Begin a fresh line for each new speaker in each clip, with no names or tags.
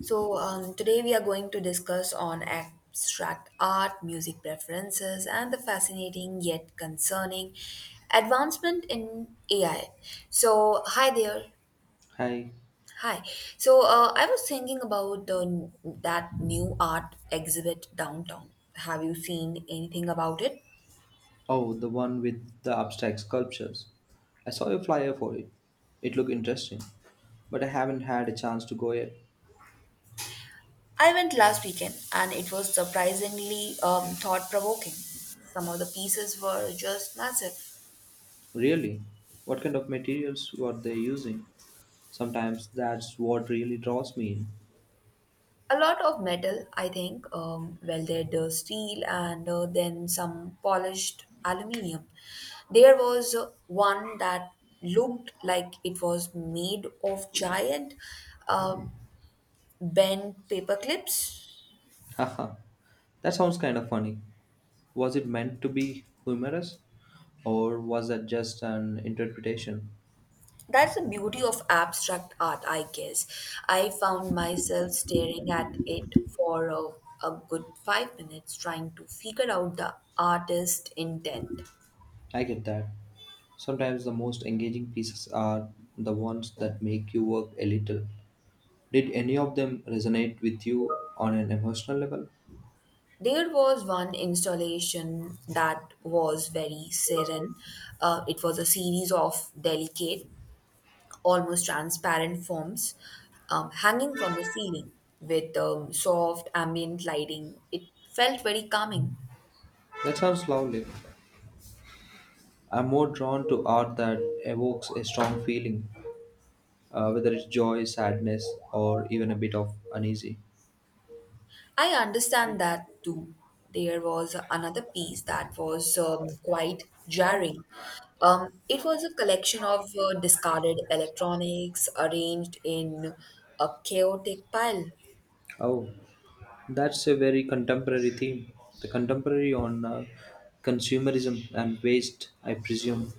Today we are going to discuss on abstract art, music preferences, and the fascinating yet concerning advancement in AI. So hi there.
Hi.
Hi. I was thinking about that new art exhibit downtown. Have you seen anything about it?
Oh, the one with the abstract sculptures. I saw a flyer for it. It looked interesting, but I haven't had a chance to go yet.
I went last weekend and it was surprisingly thought provoking. Some of the pieces were just massive.
Really? What kind of materials were they using? Sometimes that's what really draws me in.
A lot of metal, I think, welded steel and then some polished aluminium. There was one that looked like it was made of giant um, bent paper clips.
Haha. That sounds kind of funny. Was it meant to be humorous? Or was that just an interpretation?
That's the beauty of abstract art, I guess. I found myself staring at it for a good 5 minutes trying to figure out the artist's intent.
I get that. Sometimes the most engaging pieces are the ones that make you work a little. Did any of them resonate with you on an emotional level?
There was one installation that was very serene. It was a series of delicate, almost transparent forms hanging from the ceiling with soft ambient lighting. It felt very calming.
That sounds lovely. I'm more drawn to art that evokes a strong feeling, whether it's joy, sadness, or even a bit of uneasy.
I understand that too. There was another piece that was quite jarring. It was a collection of discarded electronics arranged in a chaotic pile.
Oh, that's a very contemporary theme. The contemporary on consumerism and waste, I presume.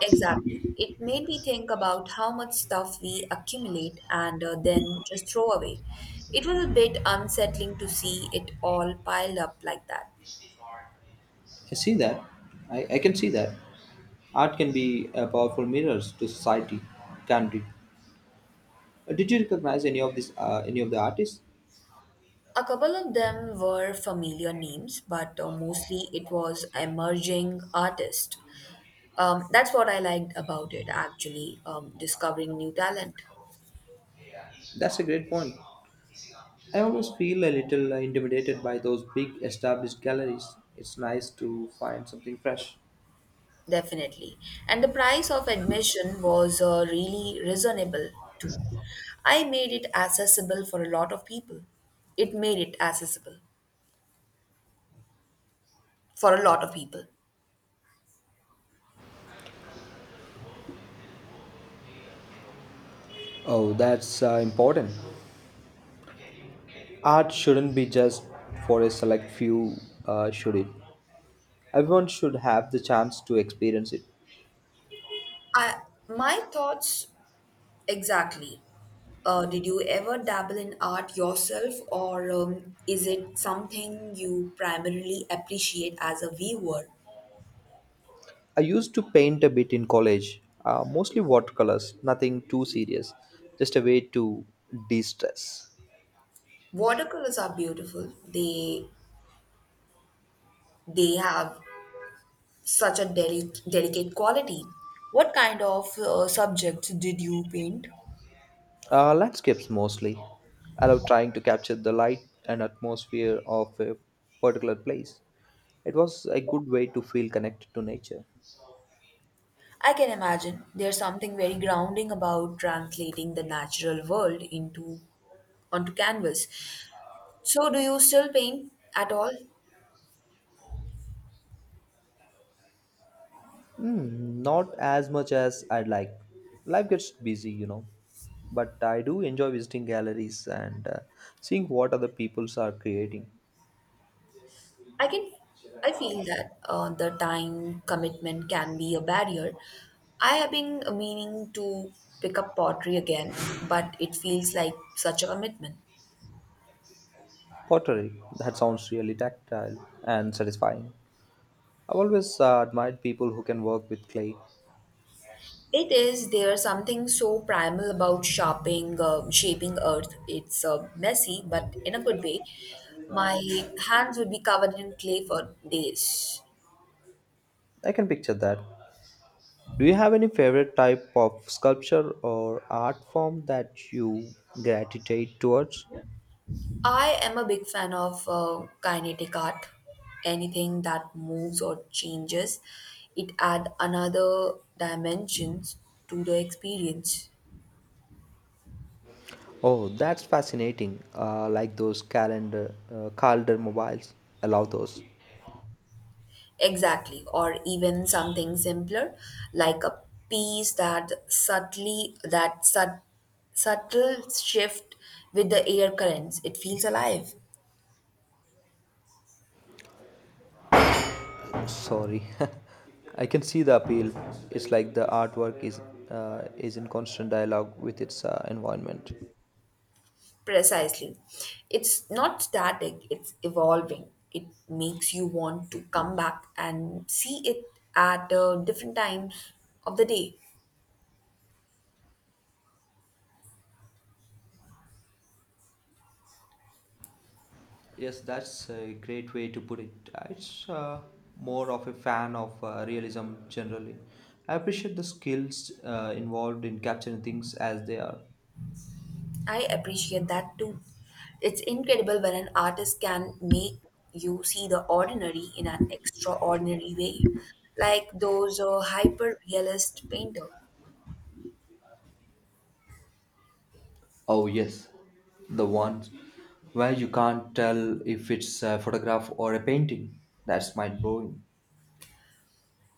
Exactly. It made me think about how much stuff we accumulate and then just throw away. It was a bit unsettling to see it all piled up like that.
I see that. I can see that. Art can be a powerful mirrors to society, can't it? Did you recognize any of this? Any of the artists?
A couple of them were familiar names, but mostly it was emerging artists. That's what I liked about it, actually, discovering new talent.
That's a great point. I always feel a little intimidated by those big established galleries. It's nice to find something fresh.
Definitely. And the price of admission was really reasonable too. I made it accessible for a lot of people. It made it accessible for a lot of people.
Oh, that's important. Art shouldn't be just for a select few, should it? Everyone should have the chance to experience it.
I, my thoughts exactly. Did you ever dabble in art yourself, or is it something you primarily appreciate as a viewer?
I used to paint a bit in college, mostly watercolors, nothing too serious, just a way to de stress.
Watercolors are beautiful. They have such a delicate quality. What kind of subjects did you paint?
Landscapes mostly. I love trying to capture the light and atmosphere of a particular place. It was a good way to feel connected to nature.
I can imagine there's something very grounding about translating the natural world into onto canvas. So, do you still paint at all?
Mm, not as much as I'd like. Life gets busy. But I do enjoy visiting galleries and seeing what other peoples are creating.
I can, I feel that the time commitment can be a barrier. I have been meaning to pick up pottery again, but it feels like such a commitment.
Pottery, that sounds really tactile and satisfying. I've always admired people who can work with clay.
It is. There's something so primal about shaping earth. It's messy, but in a good way. My hands would be covered in clay for days.
I can picture that. Do you have any favorite type of sculpture or art form that you gravitate towards?
I am a big fan of kinetic art. Anything that moves or changes, it adds another dimensions to the experience.
Oh, that's fascinating. Like those calendar mobiles. Allow those.
Exactly, or even something simpler, like a piece that subtle shift with the air currents. It feels alive.
Sorry, I can see the appeal. It's like the artwork is in constant dialogue with its environment.
Precisely, it's not static. It's evolving. It makes you want to come back and see it at different times of the day.
Yes, that's a great way to put it. It's more of a fan of realism generally. I appreciate the skills involved in capturing things as they are.
I appreciate that too. It's incredible when an artist can make you see the ordinary in an extraordinary way, like those hyper realist painter.
Oh, yes, the ones where you can't tell if it's a photograph or a painting. That's mind blowing.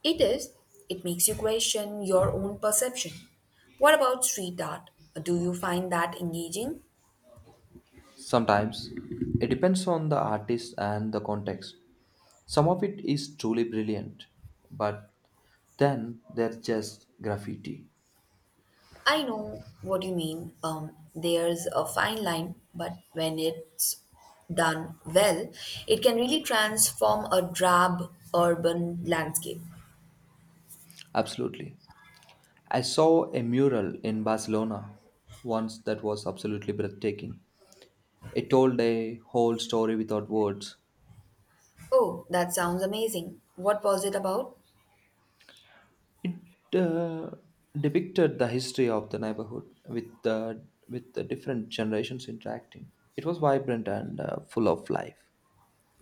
It is, it makes you question your own perception. What about street art? Do you find that engaging?
Sometimes it depends on the artist and the context. Some of it is truly brilliant, but then there's just graffiti.
I know what you mean. There's a fine line, but when it's done well, it can really transform a drab urban landscape.
Absolutely. I saw a mural in Barcelona once that was absolutely breathtaking. It told a whole story without words.
Oh, that sounds amazing. What was it about?
It uh, depicted the history of the neighborhood with the different generations interacting. It was vibrant and full of life.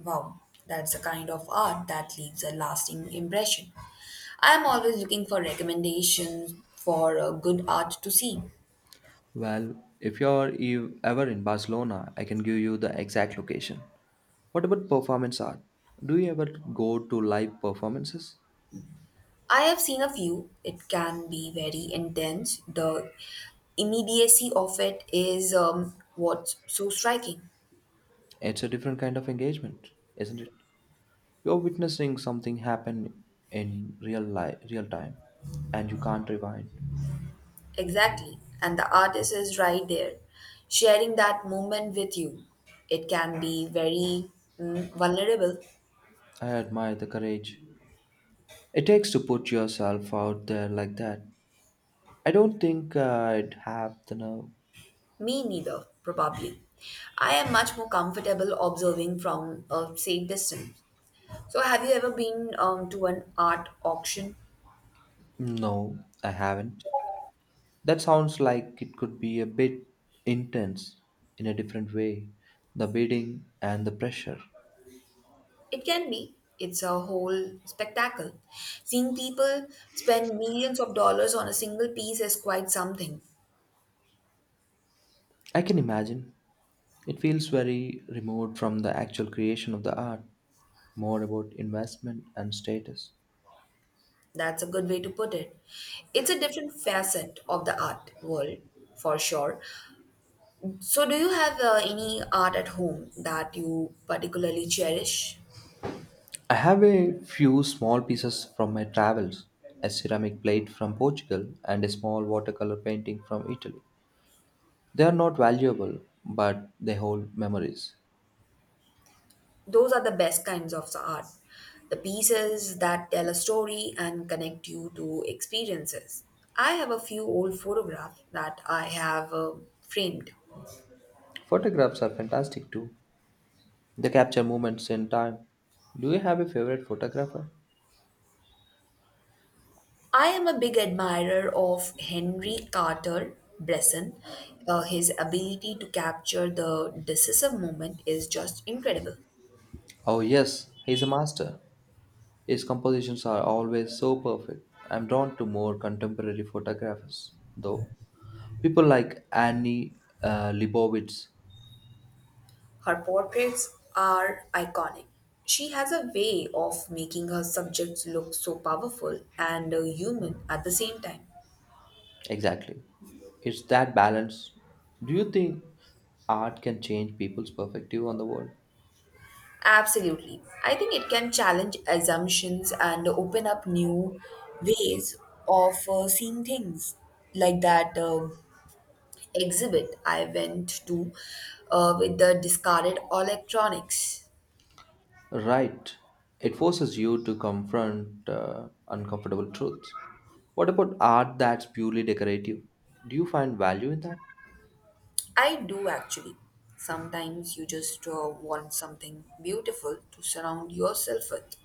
Wow, that's a kind of art that leaves a lasting impression. I am always looking for recommendations for good art to see.
Well, if you're ever in Barcelona, I can give you the exact location. What about performance art? Do you ever go to live performances?
I have seen a few. It can be very intense. The immediacy of it is what's so striking.
It's a different kind of engagement, isn't it? You're witnessing something happen in real life, real time, and you can't rewind.
Exactly. And the artist is right there, sharing that moment with you. It can be very vulnerable.
I admire the courage it takes to put yourself out there like that. I don't think I'd have the nerve.
Me neither, probably. I am much more comfortable observing from a safe distance. So, have you ever been to an art auction?
No, I haven't. That sounds like it could be a bit intense in a different way. The bidding and the pressure.
It can be. It's a whole spectacle. Seeing people spend millions of dollars on a single piece is quite something.
I can imagine. It feels very remote from the actual creation of the art, more about investment and status.
That's a good way to put it. It's a different facet of the art world, for sure. So, do you have any art at home that you particularly cherish?
I have a few small pieces from my travels, a ceramic plate from Portugal and a small watercolor painting from Italy. They are not valuable, but they hold memories.
Those are the best kinds of art. The pieces that tell a story and connect you to experiences. I have a few old photographs that I have framed.
Photographs are fantastic too. They capture moments in time. Do you have a favorite photographer?
I am a big admirer of Henry Carter Bresson. His ability to capture the decisive moment is just incredible.
Oh, yes, he's a master. His compositions are always so perfect. I'm drawn to more contemporary photographers, though. People like Annie Leibovitz.
Her portraits are iconic. She has a way of making her subjects look so powerful and human at the same time.
Exactly. It's that balance. Do you think art can change people's perspective on the world?
Absolutely. I think it can challenge assumptions and open up new ways of seeing things, like that exhibit I went to with the discarded electronics.
Right. It forces you to confront uncomfortable truths. What about art that's purely decorative? Do you find value in that?
I do actually. Sometimes you just want something beautiful to surround yourself with.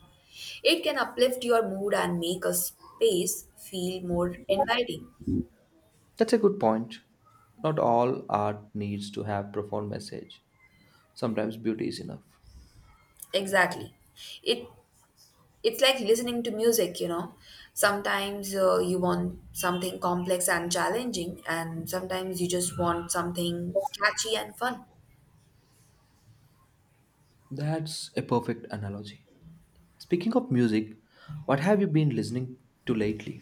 It can uplift your mood and make a space feel more inviting.
That's a good point. Not all art needs to have profound message. Sometimes beauty is enough.
Exactly. It it's like listening to music, you know. Sometimes you want something complex and challenging, and sometimes you just want something catchy and fun.
That's a perfect analogy. Speaking of music, what have you been listening to lately?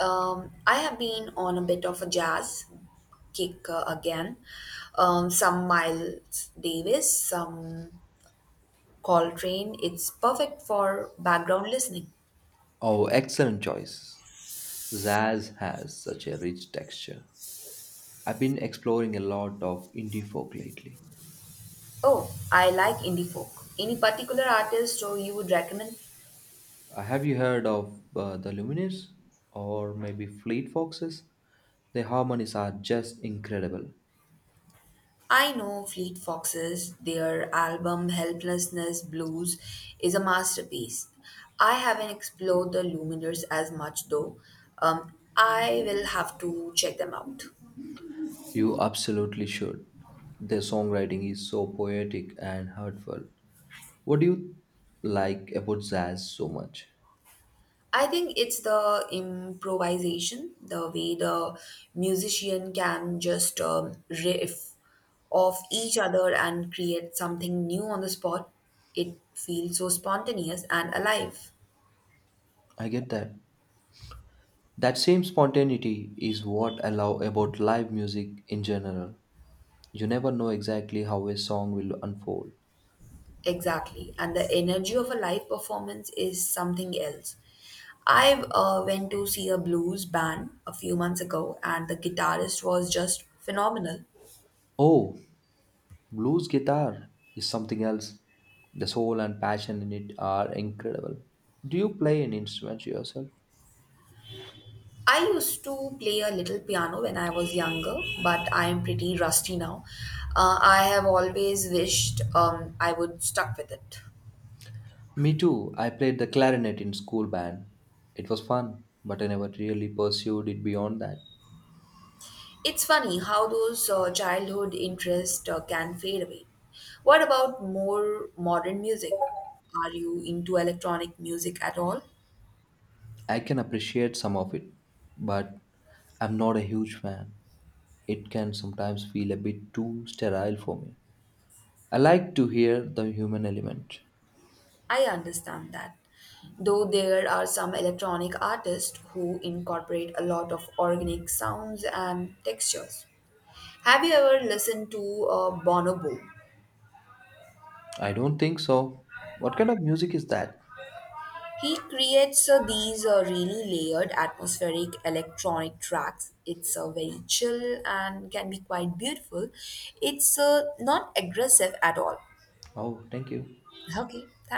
I have been on a bit of a jazz kick again. Some Miles Davis, some Coltrane. It's perfect for background listening.
Oh, excellent choice. Zazz has such a rich texture. I've been exploring a lot of indie folk lately.
Oh, I like indie folk. Any particular artist or you would recommend?
Have you heard of the Lumineers or maybe Fleet Foxes? Their harmonies are just incredible.
I know Fleet Foxes, their album Helplessness Blues is a masterpiece. I haven't explored the Luminers as much though. I will have to check them out.
You absolutely should. Their songwriting is so poetic and heartfelt. What do you like about jazz so much?
I think it's the improvisation, the way the musician can just riff off each other and create something new on the spot. It feels so spontaneous and alive.
I get that. That same spontaneity is what I love about live music in general. You never know exactly how a song will unfold.
Exactly. And the energy of a live performance is something else. I went to see a blues band a few months ago, and the guitarist was just phenomenal.
Oh, blues guitar is something else. The soul and passion in it are incredible. Do you play an instrument yourself?
I used to play a little piano when I was younger, but I am pretty rusty now. I have always wished I would stuck with it.
Me too. I played the clarinet in school band. It was fun, but I never really pursued it beyond that.
It's funny how those childhood interests can fade away. What about more modern music? Are you into electronic music at all?
I can appreciate some of it, but I'm not a huge fan. It can sometimes feel a bit too sterile for me. I like to hear the human element.
I understand that. Though there are some electronic artists who incorporate a lot of organic sounds and textures. Have you ever listened to Bonobo?
I don't think so. What kind of music is that?
He creates these really layered atmospheric electronic tracks. It's very chill and can be quite beautiful. It's not aggressive at all.
Oh, thank you.
Okay,